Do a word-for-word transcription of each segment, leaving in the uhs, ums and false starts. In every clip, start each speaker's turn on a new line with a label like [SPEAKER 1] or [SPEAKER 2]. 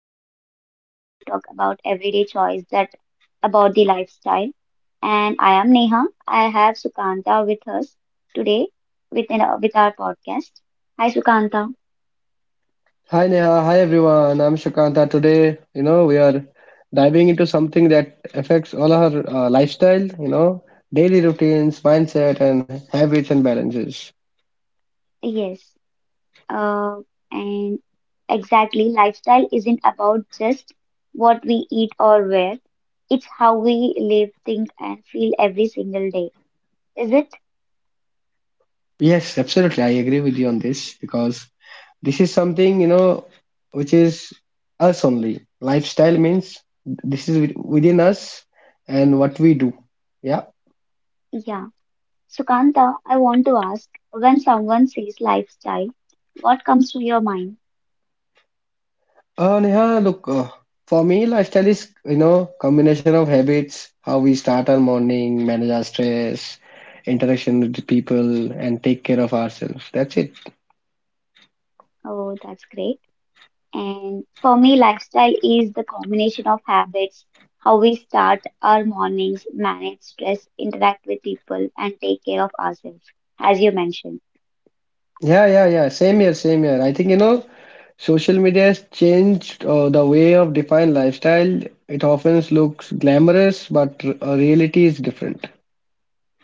[SPEAKER 1] the podcast where we talk about everyday choice that about the lifestyle. And I am Neha. I have Sukanta with us today within with our podcast. Hi, Sukanta.
[SPEAKER 2] Hi Neha, hi everyone. I'm Shukant. Today, you know, we are diving into something that affects all our uh, lifestyle, you know, daily routines, mindset, and habits and balances.
[SPEAKER 1] Yes. Uh, and exactly, lifestyle isn't about just what we eat or wear. It's how we live, think, and feel every single day. Is it?
[SPEAKER 2] Yes, absolutely. I agree with you on this because this is something, you know, which is us only. Lifestyle means this is wi- within us and what we do. Yeah.
[SPEAKER 1] Yeah. Sukanta, I want to ask when someone sees lifestyle, what comes to your mind?
[SPEAKER 2] Uh, Neha, look, uh, for me, lifestyle is, you know, combination of habits, how we start our morning, manage our stress, interaction with the people, and take care of ourselves. That's it.
[SPEAKER 1] Oh, that's great. And for me, lifestyle is the combination of habits, how we start our mornings, manage stress, interact with people, and take care of ourselves, as you mentioned.
[SPEAKER 2] Yeah, yeah, yeah. Same here, same here. I think, you know, social media has changed uh, the way of defined lifestyle. It often looks glamorous, but r- uh, reality is different.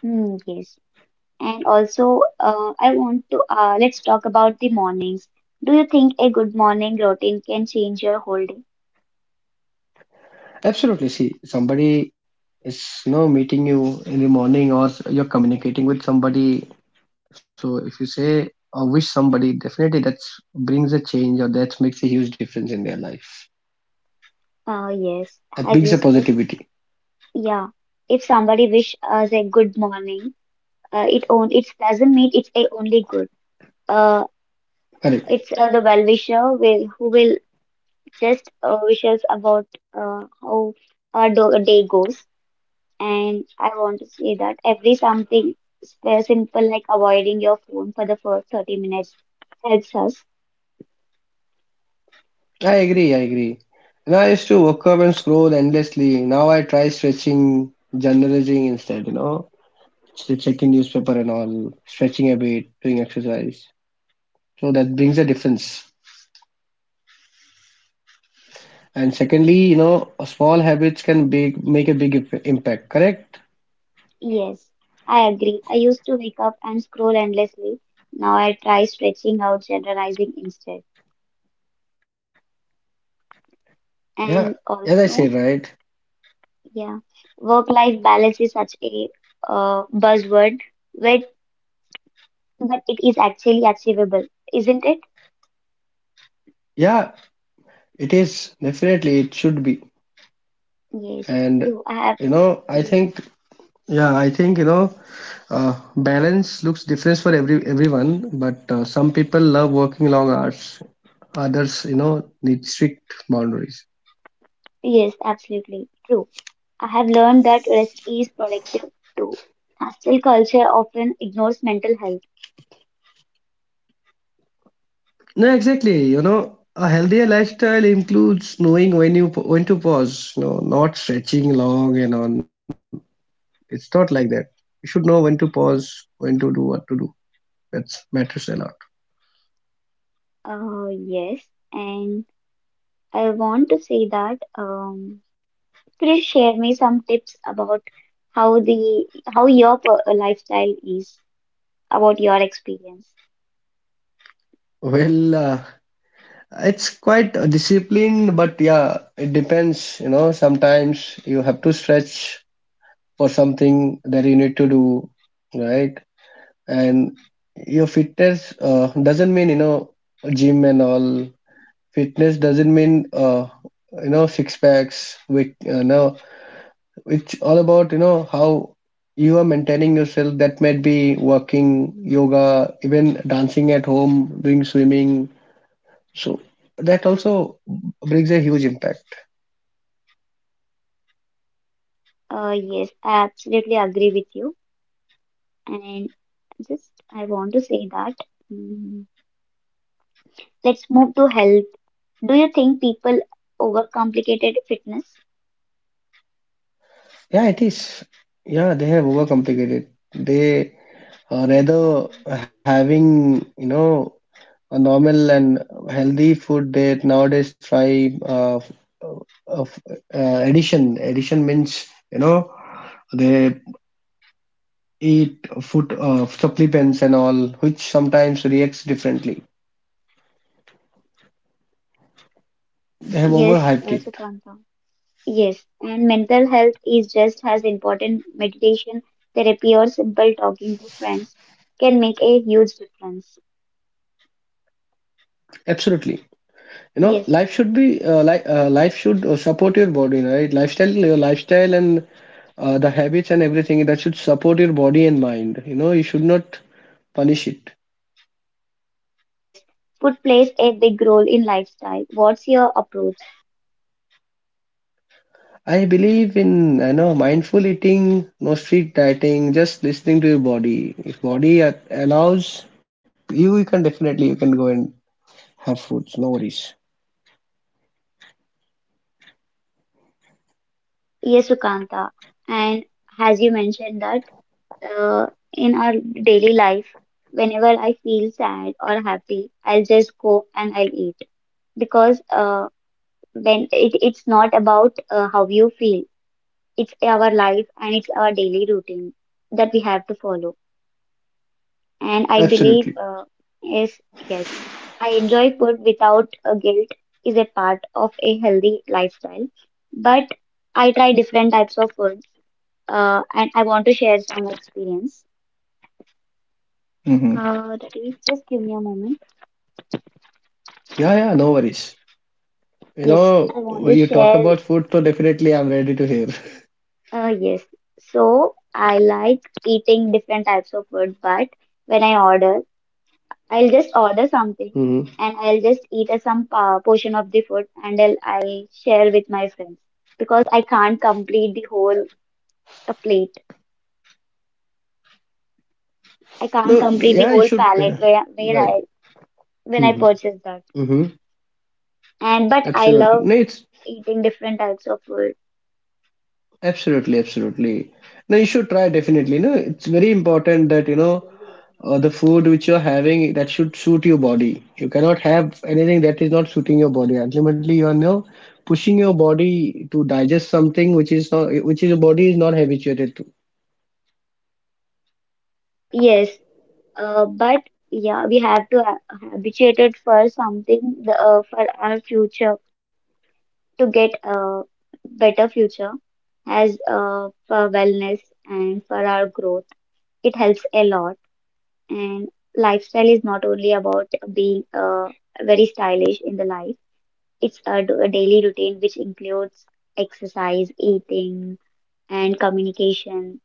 [SPEAKER 1] Hmm, yes. And also, uh, I want to uh, let's talk about the mornings. Do you think a good morning routine can change your whole day?
[SPEAKER 2] Absolutely. See, somebody is you know meeting you in the morning, or s- you're communicating with somebody. So if you say or wish somebody, definitely that brings a change, or that makes a huge difference in their life.
[SPEAKER 1] Uh,
[SPEAKER 2] That
[SPEAKER 1] yes, as
[SPEAKER 2] brings a
[SPEAKER 1] you said.
[SPEAKER 2] positivity.
[SPEAKER 1] Yeah, if somebody wish us a good morning, uh, it on it doesn't mean it's a only good. Uh,
[SPEAKER 2] Correct.
[SPEAKER 1] it's uh, the well wisher will who will just uh, wish us about uh, how our do- day goes. And I want to say that every something s- uh, simple like avoiding your phone for the first thirty minutes helps us.
[SPEAKER 2] I agree, I agree. And I used to wake up and scroll endlessly. Now I try stretching, journalizing instead, you know, ch- checking newspaper and all, stretching a bit, doing exercise. So that brings a difference. And secondly, you know, small habits can big make a big imp- impact, correct?
[SPEAKER 1] Yes, I agree. I used to wake up and scroll endlessly. Now I try stretching out, generalizing instead.
[SPEAKER 2] Yeah,
[SPEAKER 1] And
[SPEAKER 2] as I said,
[SPEAKER 1] also,
[SPEAKER 2] right?
[SPEAKER 1] yeah, work-life balance is such a uh, buzzword, but but it is actually achievable, isn't it?
[SPEAKER 2] Yeah, it is, definitely it should be.
[SPEAKER 1] Yes,
[SPEAKER 2] And
[SPEAKER 1] true. I have
[SPEAKER 2] you know, I
[SPEAKER 1] yes,
[SPEAKER 2] think, yeah, I think you know, uh, balance looks different for every everyone, but uh, some people love working long hours, others, you know, need strict boundaries.
[SPEAKER 1] yes, absolutely true. I have learned that rest is productive too. Hostile culture often ignores mental health.
[SPEAKER 2] No, exactly. You know, a healthier lifestyle includes knowing when you when to pause, you know, not stretching long and on. It's not like that. You should know when to pause, when to do what to do. That matters a lot.
[SPEAKER 1] Uh, yes, and I want to say that um, please share me some tips about how the how your per- lifestyle is about your experience.
[SPEAKER 2] Well, uh, it's quite a discipline. But yeah, it depends, you know sometimes you have to stretch for something that you need to do, right? And your fitness, uh, doesn't mean, you know gym and all. Fitness doesn't mean, uh, you know six packs with, uh, you know it's all about, you know how you are maintaining yourself. That might be walking, yoga, even dancing at home, doing swimming. So that also brings a huge impact.
[SPEAKER 1] Uh, yes, I absolutely agree with you. And just I want to say that mm, let's move to health. Do you think people overcomplicated fitness?
[SPEAKER 2] Yeah, it is. Yeah, they have overcomplicated. They, uh, rather having, you know a normal and healthy food, they nowadays try, uh, of uh, addition addition means, you know they eat food, uh, supplements and all, which sometimes reacts differently. They have
[SPEAKER 1] Yes,
[SPEAKER 2] overhyped
[SPEAKER 1] uh,
[SPEAKER 2] it.
[SPEAKER 1] Sukanta. Yes, and mental health is just as important. Meditation, therapy, or simple talking to friends can make a huge difference.
[SPEAKER 2] Absolutely. You know,
[SPEAKER 1] Yes,
[SPEAKER 2] life should be, uh, li uh, life should uh, support your body, right? Lifestyle, your lifestyle and, uh, the habits and everything, that should support your body and mind. You know, you should not punish it.
[SPEAKER 1] yes. Food plays a big role in lifestyle. What's your approach?
[SPEAKER 2] I believe in, you know, mindful eating, no strict dieting, just listening to your body. If body a- allows you, you can definitely you can go and have foods, no worries.
[SPEAKER 1] Yes, Sukanta. And as you mentioned that uh, in our daily life. Whenever I feel sad or happy, I'll just go and I'll eat because uh, when it, it's not about uh, how you feel, it's our life and it's our daily routine that we have to follow. And I believe,
[SPEAKER 2] Absolutely.
[SPEAKER 1] uh, yes, yes, I enjoy food without uh, guilt is a part of a healthy lifestyle. But I try different types of food, uh, and I want to share some experience. Uh, that is, just give me a moment.
[SPEAKER 2] Yeah, yeah, no worries. You
[SPEAKER 1] Yes, I
[SPEAKER 2] know,
[SPEAKER 1] want
[SPEAKER 2] when
[SPEAKER 1] to
[SPEAKER 2] you talk
[SPEAKER 1] share.
[SPEAKER 2] about food, so definitely I'm ready to hear.
[SPEAKER 1] Uh, yes, so I like eating different types of food, but when I order, I'll just order something
[SPEAKER 2] Hmm.
[SPEAKER 1] and I'll just eat a some pa portion of the food and I'll, I'll share with my friends because I can't complete the whole uh, plate. I can't
[SPEAKER 2] No,
[SPEAKER 1] complete the
[SPEAKER 2] yeah, you
[SPEAKER 1] whole
[SPEAKER 2] should.
[SPEAKER 1] palette
[SPEAKER 2] uh,
[SPEAKER 1] where, where
[SPEAKER 2] Right.
[SPEAKER 1] I when I
[SPEAKER 2] Hmm.
[SPEAKER 1] purchase that.
[SPEAKER 2] Hmm.
[SPEAKER 1] And but I
[SPEAKER 2] Absolutely.
[SPEAKER 1] love
[SPEAKER 2] No, it's
[SPEAKER 1] eating different types of food.
[SPEAKER 2] absolutely, absolutely. No, you should try, definitely. No, it's very important that, you know, uh, the food which you're having, that should suit your body. You cannot have anything that is not suiting your body. Ultimately, you are now pushing your body to digest something which is not, which your body is not habituated to.
[SPEAKER 1] Yes, Uh, but yeah, we have to uh, habituate it for something the, uh, for our future to get a better future as uh, for wellness and for our growth. It helps a lot. And lifestyle is not only about being uh, very stylish in the life. It's a, d- a daily routine which includes exercise, eating, and communication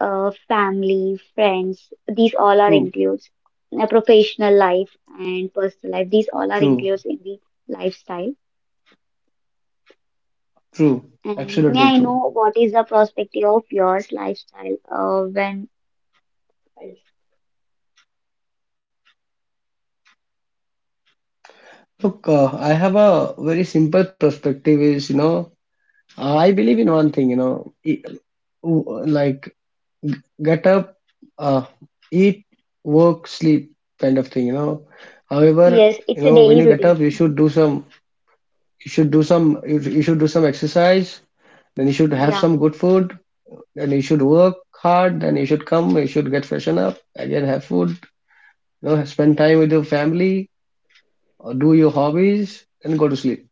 [SPEAKER 1] uh, family, friends, these all are
[SPEAKER 2] True,
[SPEAKER 1] includes. Uh, professional life and personal life, these all are
[SPEAKER 2] true,
[SPEAKER 1] includes in the lifestyle.
[SPEAKER 2] true.
[SPEAKER 1] And may I
[SPEAKER 2] Absolutely
[SPEAKER 1] know
[SPEAKER 2] true.
[SPEAKER 1] what is the perspective of yours lifestyle uh, when
[SPEAKER 2] Look, uh, I have a very simple perspective, is, you know, I believe in one thing, you know, e- w- like, get up, uh, eat, work, sleep kind of thing, you know. However,
[SPEAKER 1] yes,
[SPEAKER 2] you
[SPEAKER 1] it's a
[SPEAKER 2] know, when you
[SPEAKER 1] daily
[SPEAKER 2] get up,
[SPEAKER 1] routine.
[SPEAKER 2] you should do some, you should do some, you, you should do some exercise, then you should have
[SPEAKER 1] Yeah,
[SPEAKER 2] some good food, then you should work hard, then you should come, you should get freshen up, again have food, you know, spend time with your family, or do your hobbies, and go to sleep.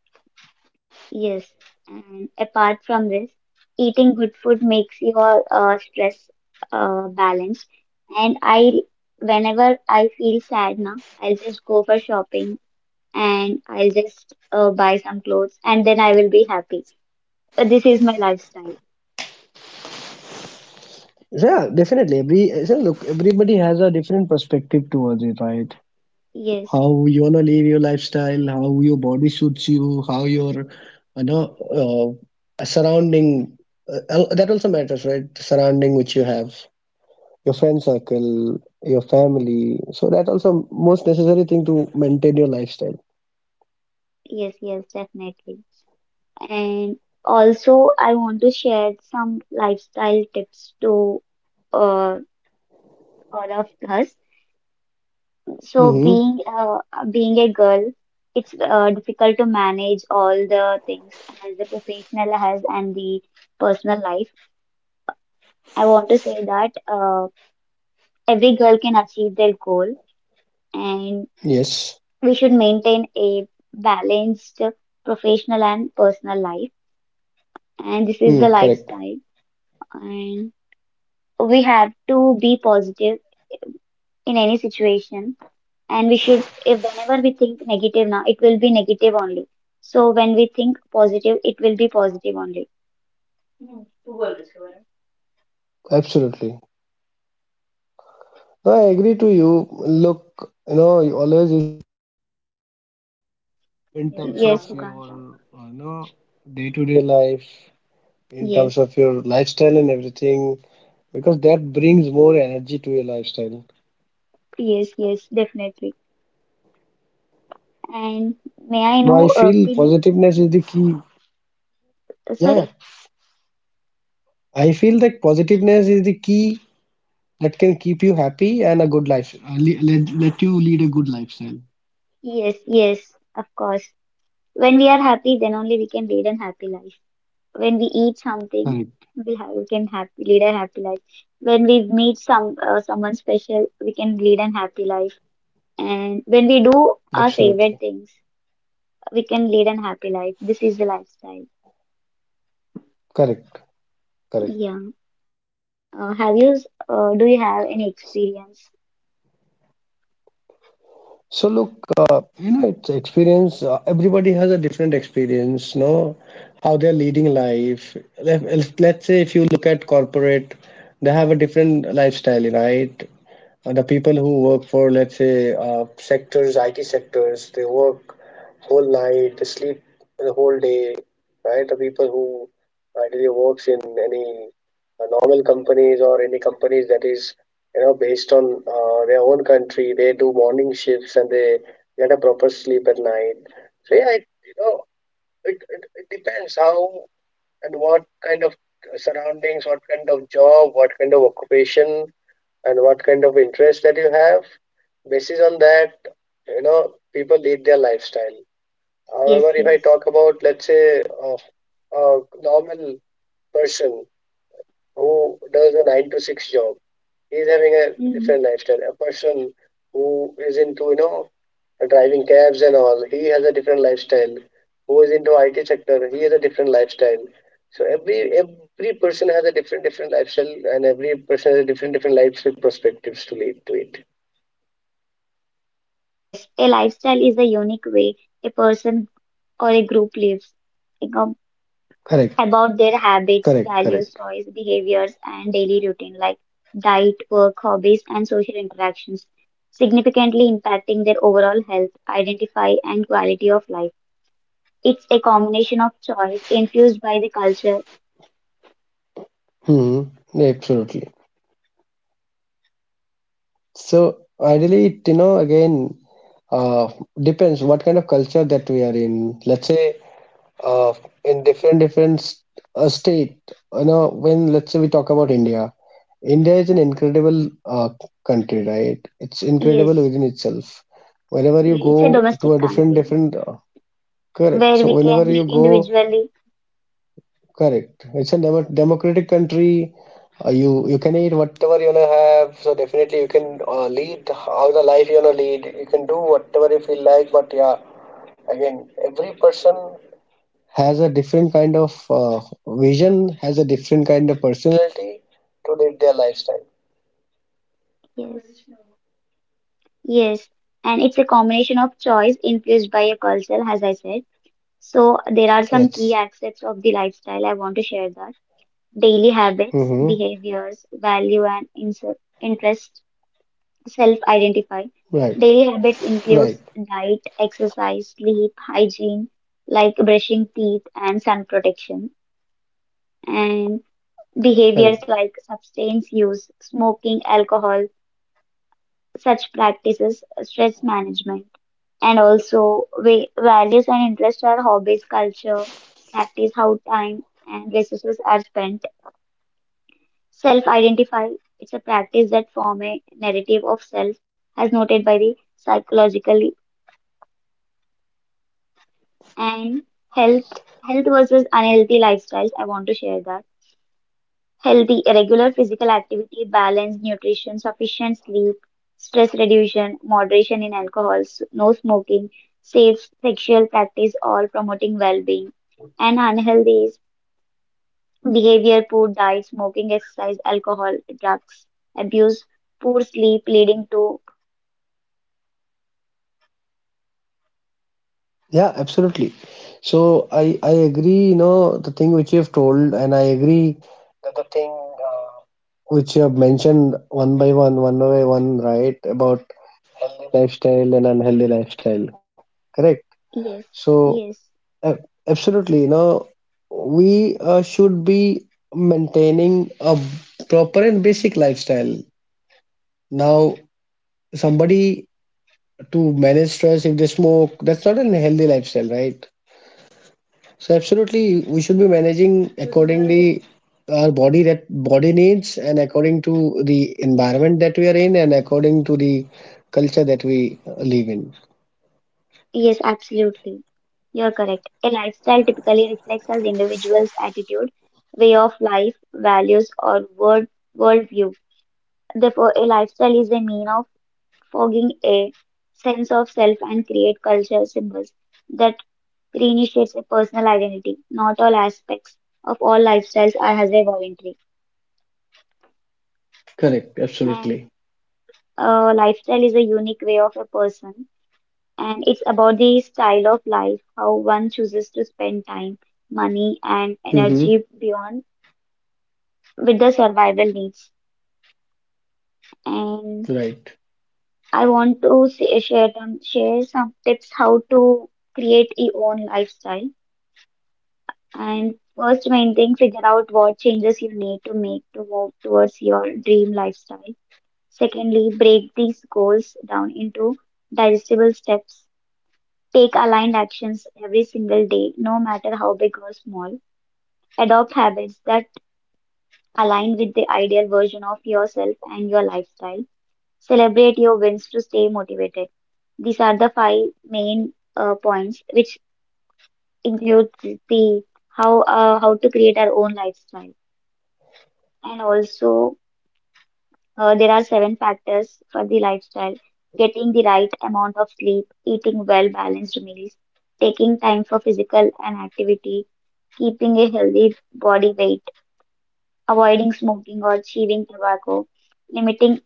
[SPEAKER 1] yes. And apart from this, eating good food makes your uh, stress uh, balanced. And I, Whenever I feel sad now, I'll just go for shopping and I'll just uh, buy some clothes and then I will be happy. But this is my lifestyle.
[SPEAKER 2] Yeah, definitely. Every So look, everybody has a different perspective towards it, right?
[SPEAKER 1] Yes,
[SPEAKER 2] How you wanna live your lifestyle, how your body suits you, how your, you know uh, surrounding, uh, al- that also matters, right? The surrounding which you have, your friend circle, your family. So that also most necessary thing to maintain your lifestyle.
[SPEAKER 1] yes, yes, definitely. And also, I want to share some lifestyle tips to uh, all of us. So,
[SPEAKER 2] Hmm.
[SPEAKER 1] being uh, being a girl, it's uh, difficult to manage all the things as the professional has and the personal life. I want to say that uh, every girl can achieve their goal, and
[SPEAKER 2] Yes.
[SPEAKER 1] we should maintain a balanced professional and personal life, and this is the
[SPEAKER 2] Mm, correct.
[SPEAKER 1] lifestyle. And we have to be positive in any situation, and we should if whenever we think negative now it will be negative only, so when we think positive it will be positive only.
[SPEAKER 2] Absolutely. No, I agree to you. Look, you know, you always, in terms of your, uh,
[SPEAKER 1] Yeah,
[SPEAKER 2] you
[SPEAKER 1] yes,
[SPEAKER 2] know
[SPEAKER 1] you can talk,
[SPEAKER 2] day-to-day life, in terms of your lifestyle and
[SPEAKER 1] yes,
[SPEAKER 2] everything, because that brings more energy to your lifestyle.
[SPEAKER 1] yes, yes, definitely.
[SPEAKER 2] So I feel
[SPEAKER 1] And may
[SPEAKER 2] positiveness is
[SPEAKER 1] I
[SPEAKER 2] the
[SPEAKER 1] know
[SPEAKER 2] key.
[SPEAKER 1] uh, can you
[SPEAKER 2] Yeah, yeah.
[SPEAKER 1] uh, sorry,
[SPEAKER 2] I feel that positiveness is the key, that can keep you happy, and a good life, uh, le- let, let you lead a good lifestyle.
[SPEAKER 1] yes, yes, of course. When we are happy then only we can lead a happy life. When we eat something, we, have, we can
[SPEAKER 2] Correct.
[SPEAKER 1] have lead a happy life. When we meet some uh, someone special we can lead an happy life, and when we do our favorite things
[SPEAKER 2] Absolutely.
[SPEAKER 1] we can lead an happy life. This is the lifestyle,
[SPEAKER 2] Correct,
[SPEAKER 1] yeah.
[SPEAKER 2] correct.
[SPEAKER 1] Uh, have you s- uh, do you have any experience?
[SPEAKER 2] So look, uh, you know, it's experience. Uh, everybody has a different experience, no? How they're leading life. Let, let's say if you look at corporate, they have a different lifestyle, right? Uh, the people who work for, let's say, uh, sectors, I T sectors, they work whole night, they sleep the whole day, right? The people who ideally works in any, uh, normal companies, or any companies that is, you know, based on, uh, their own country, they do morning shifts and they get a proper sleep at night. So yeah, it, you know, it, it, it depends how and what kind of surroundings, what kind of job, what kind of occupation and what kind of interest that you have. Basis on that, you know people lead their lifestyle. However,
[SPEAKER 1] Yes,
[SPEAKER 2] if I
[SPEAKER 1] yes.
[SPEAKER 2] talk about, let's say, a, a normal person who does a nine to six job, he's having a
[SPEAKER 1] Hmm,
[SPEAKER 2] different lifestyle. A person who is into, you know driving cabs and all, he has a different lifestyle. Who is into I T sector has a different lifestyle. So every every person has a different different lifestyle, and every person has a different different life perspectives to lead to it.
[SPEAKER 1] yes, a lifestyle is the unique way a person or a group lives
[SPEAKER 2] Correct,
[SPEAKER 1] about their
[SPEAKER 2] correct,
[SPEAKER 1] habits,
[SPEAKER 2] correct.
[SPEAKER 1] values, choice, behaviors, and daily routine like diet, work, hobbies, and social interactions, significantly impacting their overall health, identity, and quality of life. It's a combination of choice infused by the culture.
[SPEAKER 2] Hmm, absolutely. So ideally, it, you know, again, uh, depends what kind of culture that we are in. Let's say, uh, in different different, s- uh, state, you know, when, let's say, we talk about India. India is an incredible, uh, country, right? It's incredible
[SPEAKER 1] Yes,
[SPEAKER 2] within itself. Whenever you
[SPEAKER 1] it's a
[SPEAKER 2] go to a
[SPEAKER 1] domestic
[SPEAKER 2] different
[SPEAKER 1] country
[SPEAKER 2] different, uh, correct.
[SPEAKER 1] where
[SPEAKER 2] So
[SPEAKER 1] we can
[SPEAKER 2] whenever
[SPEAKER 1] live
[SPEAKER 2] you go,
[SPEAKER 1] individually.
[SPEAKER 2] correct. It's a demo democratic country. Uh, you you can eat whatever you wanna have. So definitely you can, uh, lead how the life you wanna lead. You can do whatever you feel like. But yeah, again, every person has a different kind of, uh, vision, has a different kind of personality to live their lifestyle.
[SPEAKER 1] Yes. Yes, and it's a combination of choice influenced by a culture, as I said. So there are some key
[SPEAKER 2] Yes.
[SPEAKER 1] aspects of the lifestyle I want to share that: daily habits,
[SPEAKER 2] Mm-hmm.
[SPEAKER 1] behaviors, value and inse- interest, self-identify.
[SPEAKER 2] Right.
[SPEAKER 1] Daily habits
[SPEAKER 2] Right.
[SPEAKER 1] includes diet, exercise, sleep, hygiene, like brushing teeth and sun protection, and behaviors
[SPEAKER 2] Correct.
[SPEAKER 1] like substance use, smoking, alcohol, such practices, stress management, and also va- values and interests are hobbies, culture, practice, how time and resources are spent. Self identify, it's a practice that form a narrative of self as noted by the psychological and health health versus unhealthy lifestyles. I want to share that. Healthy, regular physical activity, balanced nutrition, sufficient sleep, stress reduction, moderation in alcohol, s- no smoking, safe sexual practice, all promoting well being. And unhealthy behavior, poor diet, smoking, exercise, alcohol, drugs, abuse, poor sleep leading to chronic diseases. These are the healthy versus unhealthy.
[SPEAKER 2] Yeah, absolutely. So I I agree, you know, the thing which you have told, and I agree that the thing, uh, which you have mentioned, one by one, one by one, right, about healthy lifestyle and unhealthy lifestyle. Correct.
[SPEAKER 1] Yes,
[SPEAKER 2] So,
[SPEAKER 1] yes,
[SPEAKER 2] uh, absolutely, you know, we, uh, should be maintaining a proper and basic lifestyle. Now, somebody, to manage stress, if they smoke, that's not a healthy lifestyle, right? So absolutely, we should be managing accordingly our body, that body needs, and according to the environment that we are in, and according to the culture that we, uh, live in.
[SPEAKER 1] yes, absolutely. You're correct. A lifestyle typically reflects an individual's attitude, way of life, values, or world worldview. Therefore, a lifestyle is a mean of fogging a sense of self and create culture symbols that Greenie shapes a personal identity. Not all aspects of all lifestyles are hazard voluntary.
[SPEAKER 2] Correct,
[SPEAKER 1] And
[SPEAKER 2] absolutely.
[SPEAKER 1] a lifestyle is a unique way of a person. And it's about the style of life, how one chooses to spend time, money, and
[SPEAKER 2] Hmm.
[SPEAKER 1] energy beyond with the survival needs. And
[SPEAKER 2] Right.
[SPEAKER 1] I want to say, share, them, share some tips how to create your own lifestyle. And first main thing, figure out what changes you need to make to move towards your dream lifestyle. Secondly, break these goals down into digestible steps. Take aligned actions every single day, no matter how big or small. Adopt habits that align with the ideal version of yourself and your lifestyle. Celebrate your wins to stay motivated. These are the five main uh, points, which includes the how uh, how to create our own lifestyle. And also, Uh, there are seven factors for the lifestyle: getting the right amount of sleep, eating well balanced meals, taking time for physical and activity, keeping a healthy body weight, avoiding smoking or chewing tobacco, limiting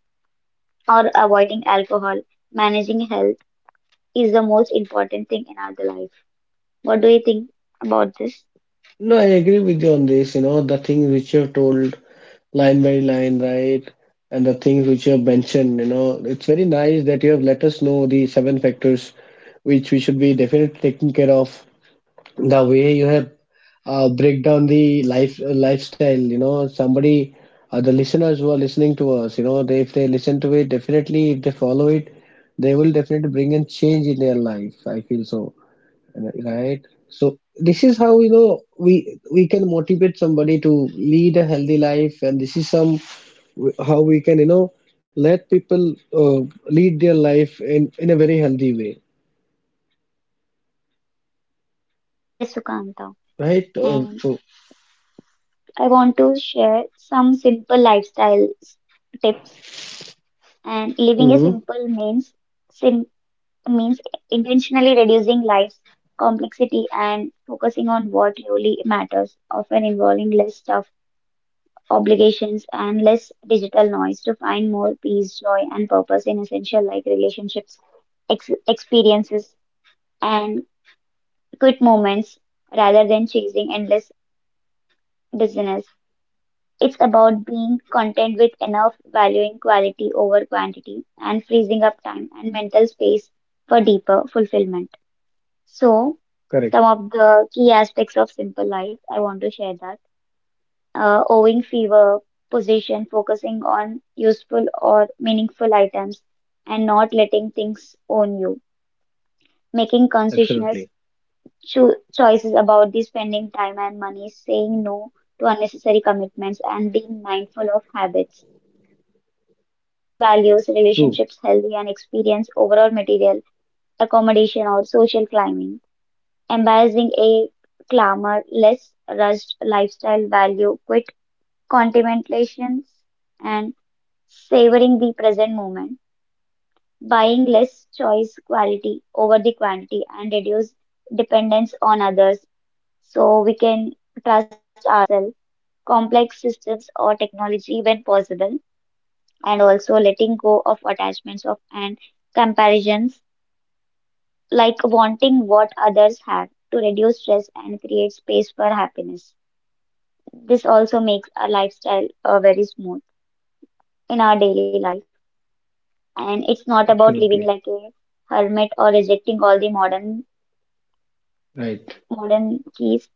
[SPEAKER 1] or avoiding alcohol, managing health is the most important thing in our life. What do you think about this?
[SPEAKER 2] No, I agree with you on this. You know, the things which you have told line by line, right? And the things which you have mentioned, you know, it's very nice that you have let us know the seven factors which we should be definitely taking care of, the way you have, uh, break down the life lifestyle. you know somebody, uh, the listeners who are listening to us, you know they, if they listen to it, definitely, if they follow it, they will definitely bring in change in their life, I feel so, right? So this is how, you know we we can motivate somebody to lead a healthy life, and this is some how we can, you know let people, uh, lead their life in in a very healthy way,
[SPEAKER 1] Yes, Sukanta.
[SPEAKER 2] right? Uh,
[SPEAKER 1] And
[SPEAKER 2] so,
[SPEAKER 1] I want to share some simple lifestyle tips. And living a
[SPEAKER 2] mhm,
[SPEAKER 1] simple means sim. Means intentionally reducing life's complexity and focusing on what really matters, often involving less stuff, obligations, and less digital noise to find more peace, joy, and purpose in essential life relationships, ex- experiences, and quick moments rather than chasing endless business. It's about being content with enough, valuing quality over quantity, and freezing up time and mental space for deeper fulfillment. So, some
[SPEAKER 2] correct,
[SPEAKER 1] of the key aspects of simple life. I want to share that. Uh, owing fever, position, focusing on useful or meaningful items, and not letting things own you. Making conscious
[SPEAKER 2] absolutely.
[SPEAKER 1] cho- choices about the spending time and money, saying no to unnecessary commitments, and being mindful of habits. And core values,
[SPEAKER 2] True.
[SPEAKER 1] relationships, healthy and experience, overall material, accommodation, or social climbing embracing a calmer, less rushed lifestyle, value quit contemplations, and savoring the present moment, buying less choice quality over the quantity, and reduce dependence on others so we can trust ourselves, complex systems or technology when possible, and also letting go of attachments of and comparisons like wanting what others have to reduce stress and create space for happiness. This also makes our lifestyle uh, very smooth in our daily life, and it's not about living
[SPEAKER 2] Absolutely.
[SPEAKER 1] like a hermit or rejecting all the modern
[SPEAKER 2] Right.
[SPEAKER 1] modern keys.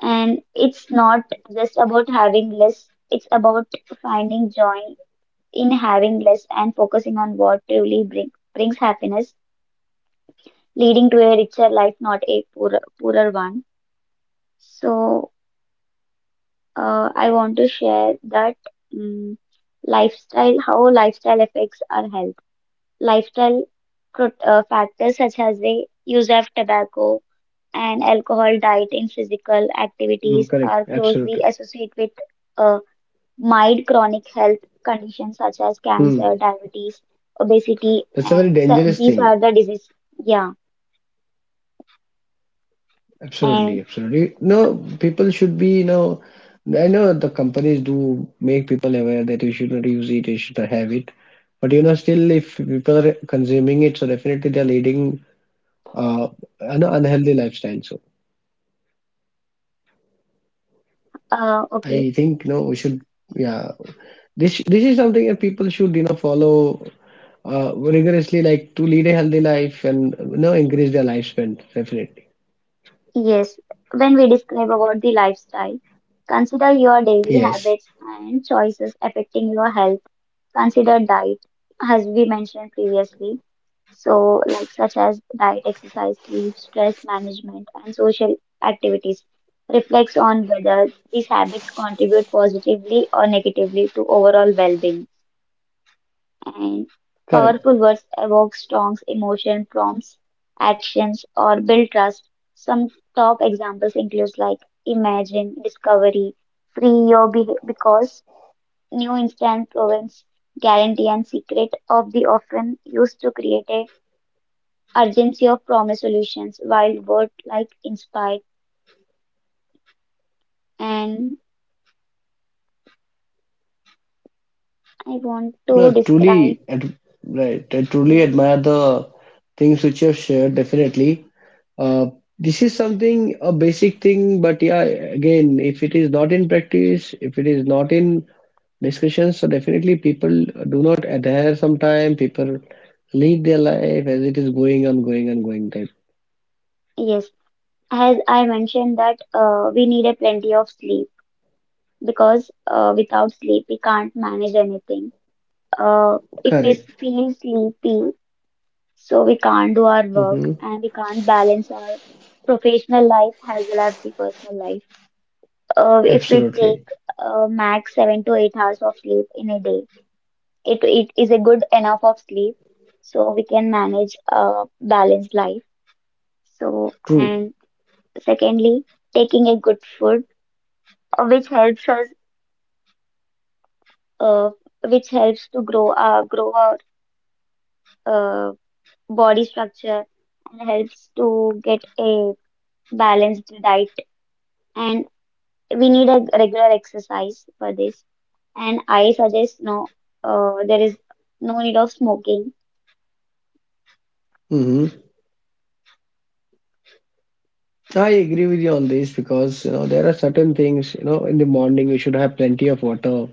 [SPEAKER 1] And it's not just about having less; it's about finding joy in having less and focusing on what truly brings brings happiness, leading to a richer life, not a poorer poorer one. So, uh, I want to share that. mm Lifestyle, how lifestyle affects our health. Lifestyle pro- uh, factors such as the use of tobacco and alcohol, diet in physical
[SPEAKER 2] Mm,
[SPEAKER 1] activities
[SPEAKER 2] correct.
[SPEAKER 1] are closely
[SPEAKER 2] Absolutely.
[SPEAKER 1] associated with uh, mild chronic health conditions such as
[SPEAKER 2] Hmm,
[SPEAKER 1] cancer, diabetes, obesity,
[SPEAKER 2] That's a very
[SPEAKER 1] and so
[SPEAKER 2] dangerous
[SPEAKER 1] these
[SPEAKER 2] thing.
[SPEAKER 1] are the diseases. Yeah,
[SPEAKER 2] Absolutely.
[SPEAKER 1] and
[SPEAKER 2] Absolutely. No, people should be, you know, I know the companies do make people aware that you should not use it, you should not have it. But, you know, still, if people are consuming it, so definitely they're leading, uh, an unhealthy lifestyle. So,
[SPEAKER 1] uh, okay,
[SPEAKER 2] I think no, we should, yeah. This this is something that people should, you know follow, uh, rigorously, like, to lead a healthy life and, you know increase their lifespan. Definitely,
[SPEAKER 1] yes. When we describe about the lifestyle, consider your daily
[SPEAKER 2] yes,
[SPEAKER 1] habits and choices affecting your health. Consider diet, as we mentioned previously. So, like such as diet, exercise, sleep, stress management, and social activities, reflects on whether these habits contribute positively or negatively to overall well-being. And powerful
[SPEAKER 2] correct.
[SPEAKER 1] words evoke strong emotion, prompts actions, or build trust. Some top examples include like imagine, discovery, free your be- because new instant province guarantee and secret of the often used to create a urgency of promise solutions wild word like inspired, and I want to
[SPEAKER 2] No,
[SPEAKER 1] describe.
[SPEAKER 2] truly, ad right. I truly
[SPEAKER 1] Yes,
[SPEAKER 2] admire the things which you have shared. Definitely, uh, this is something, a basic thing, but yeah, again, if it is not in practice, if it is not in discussions, so definitely people do not adhere sometime. People lead their life as it is going on, going on, going type.
[SPEAKER 1] yes, as I mentioned that uh, we need a plenty of sleep, because uh, without sleep we can't manage anything. uh, if we
[SPEAKER 2] Correct.
[SPEAKER 1] feel sleepy, so we can't do our work
[SPEAKER 2] Mm-hmm.
[SPEAKER 1] and we can't balance our professional life as well as the personal life. Uh, if we
[SPEAKER 2] Absolutely.
[SPEAKER 1] take uh, max seven to eight hours of sleep in a day, it, it is a good enough of sleep, so we can manage a balanced life. So,
[SPEAKER 2] True.
[SPEAKER 1] and secondly, taking a good food uh, which helps us, uh, which helps to grow, uh, grow our uh, body structure and helps to get a balanced diet. And we need a regular exercise for this. And I suggest no, uh, there is no need of smoking.
[SPEAKER 2] Mm-hmm. I agree with you on this because, you know there are certain things, you know, in the morning we should have plenty of water,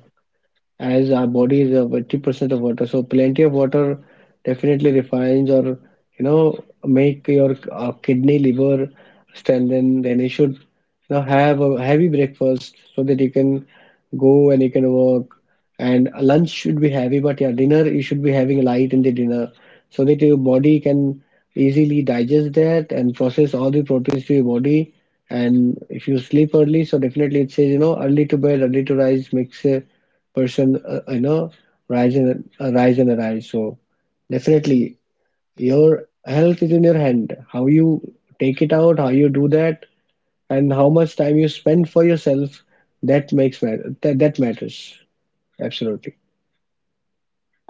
[SPEAKER 2] as our body is, uh, eighty percent of water. So plenty of water definitely refines, or, you know make your, uh, kidney, liver strengthen. Then you should, you know have a heavy breakfast so that you can go and you can work. And lunch should be heavy, but yeah, dinner you should be having light in the dinner, so that your body can easily digest that and process all the proteins to your body. And if you sleep early, so definitely, it says, you know early to bed, early to rise makes, uh, person, uh, you know rise and uh, rise and arise. So definitely your health is in your hand, how you take it out, how you do that, and how much time you spend for yourself, that makes matter, that, that matters, absolutely,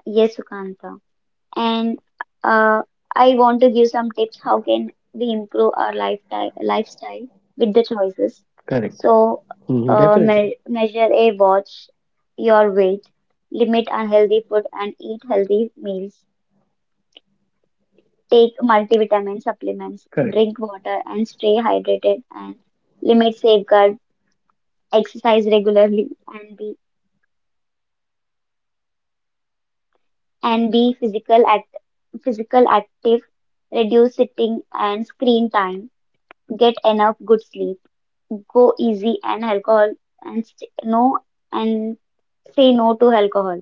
[SPEAKER 1] Yes, Sukanta. And uh, I want to give some tips how can we improve our lifestyle lifestyle with the choices.
[SPEAKER 2] correct.
[SPEAKER 1] So
[SPEAKER 2] Mhm,
[SPEAKER 1] uh,
[SPEAKER 2] definitely,
[SPEAKER 1] me- measure a watch your weight, limit unhealthy food and eat healthy meals. Take multivitamin
[SPEAKER 2] correct,
[SPEAKER 1] supplements, drink water and stay hydrated, and limit safeguard, exercise regularly and be and be physical act- physical active, reduce sitting and screen time, get enough good sleep, go easy and alcohol, and st- no and say no to alcohol.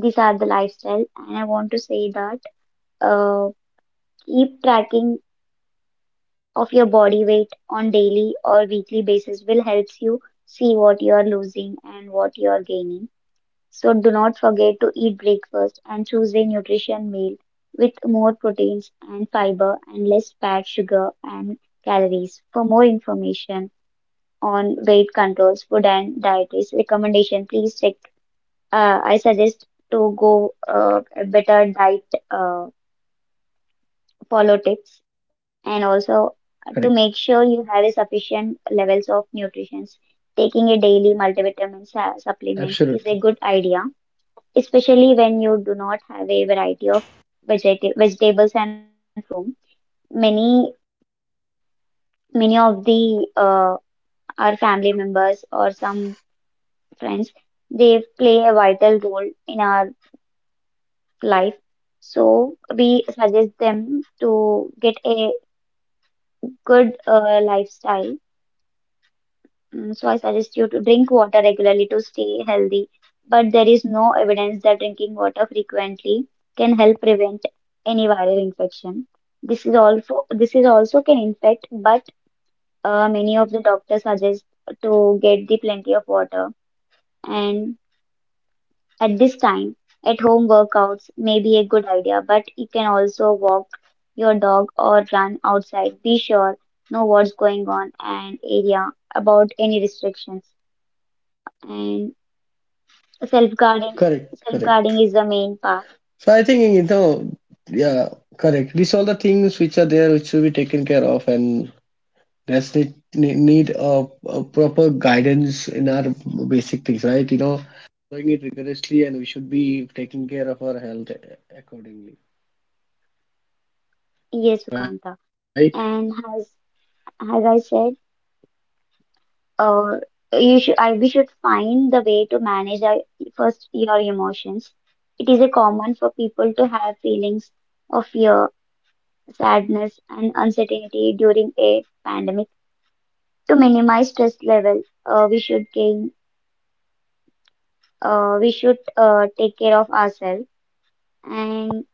[SPEAKER 1] These are the lifestyle, and I want to say that uh, keep tracking of your body weight on daily or weekly basis will helps you see what you are losing and what you are gaining. So do not forget to eat breakfast and choose a nutrition meal with more proteins and fiber and less fat, sugar and calories. For more information on weight controls, food and dietary recommendation, please check. Uh, I suggest to go uh, a better diet, uh, follow tips
[SPEAKER 2] correct.
[SPEAKER 1] and also to make sure you have a sufficient levels of nutrition. Taking a daily multivitamin su- supplements is a good idea, especially when you do not have a variety of vegeta- vegetables and fruits at home. Many many of the uh, our family members or some friends, they play a vital role in our life. So we suggest them to get a good uh, lifestyle. Mm, so I suggest you to drink water regularly to stay healthy. But there is no evidence that drinking water frequently can help prevent any viral infection. This is also this is also can infect, but uh, many of the doctors suggest to get the plenty of water. And at this time, at home workouts may be a good idea, but you can also walk your dog or run outside. Be sure know what's going on and area about any restrictions, and self guarding,
[SPEAKER 2] Correct,
[SPEAKER 1] self guarding
[SPEAKER 2] correct.
[SPEAKER 1] is the main part.
[SPEAKER 2] So I think, you know, yeah, these all the things which are there, which should be taken care of, and that's need need need a, a proper guidance in our basic things, right? You know, doing it rigorously, and we should be taking care of our health accordingly,
[SPEAKER 1] Yes,
[SPEAKER 2] right?
[SPEAKER 1] Sukanta. And as as I said, uh, you should I we should find the way to manage our, first your emotions. It is a common for people to have feelings of fear, sadness, and uncertainty during a pandemic. To minimize stress level, uh, we should gain, uh, we should uh, take care of ourselves. And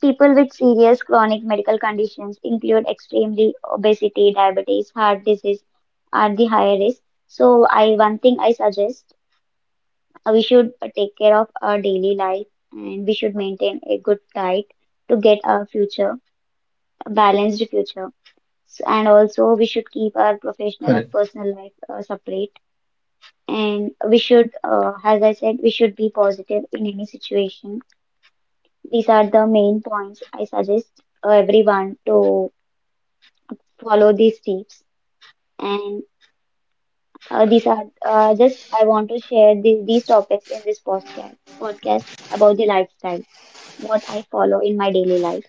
[SPEAKER 1] people with serious chronic medical conditions include extremely obesity, diabetes, heart disease are the higher risk. So I one thing I suggest uh, we should uh, take care of our daily life, and we should maintain a good diet to get our future a balanced future. S- And also we should keep our
[SPEAKER 2] Correct.
[SPEAKER 1] professional and personal life uh, separate. And we should, uh, as I said, we should be positive in any situation. These are the main points I suggest uh, everyone to follow these tips. And uh, these are uh, just I want to share the, these topics in this podcast podcast about the lifestyle, what I follow in my daily life.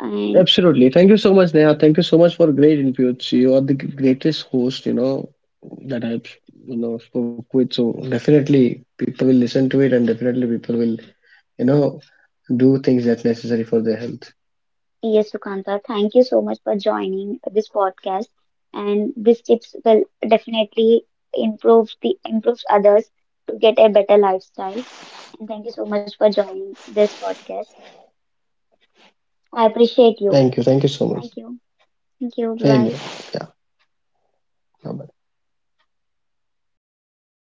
[SPEAKER 1] And
[SPEAKER 2] Absolutely. Thank you so much, Neha. Thank you so much for great inputs. You are the greatest host, you know, that I've, you know, spoke with. So definitely people will listen to it, and definitely people will, you know, do things that's necessary for their health.
[SPEAKER 1] yes, Sukanta, thank you so much for joining this podcast. And these tips will definitely improve the improves others to get a better lifestyle. And thank you so much for joining this podcast. I appreciate you.
[SPEAKER 2] Thank you. Thank you so
[SPEAKER 1] Thank
[SPEAKER 2] much.
[SPEAKER 1] you. Thank you. Bye
[SPEAKER 2] Same
[SPEAKER 1] bye.
[SPEAKER 2] here. Yeah. Bye-bye.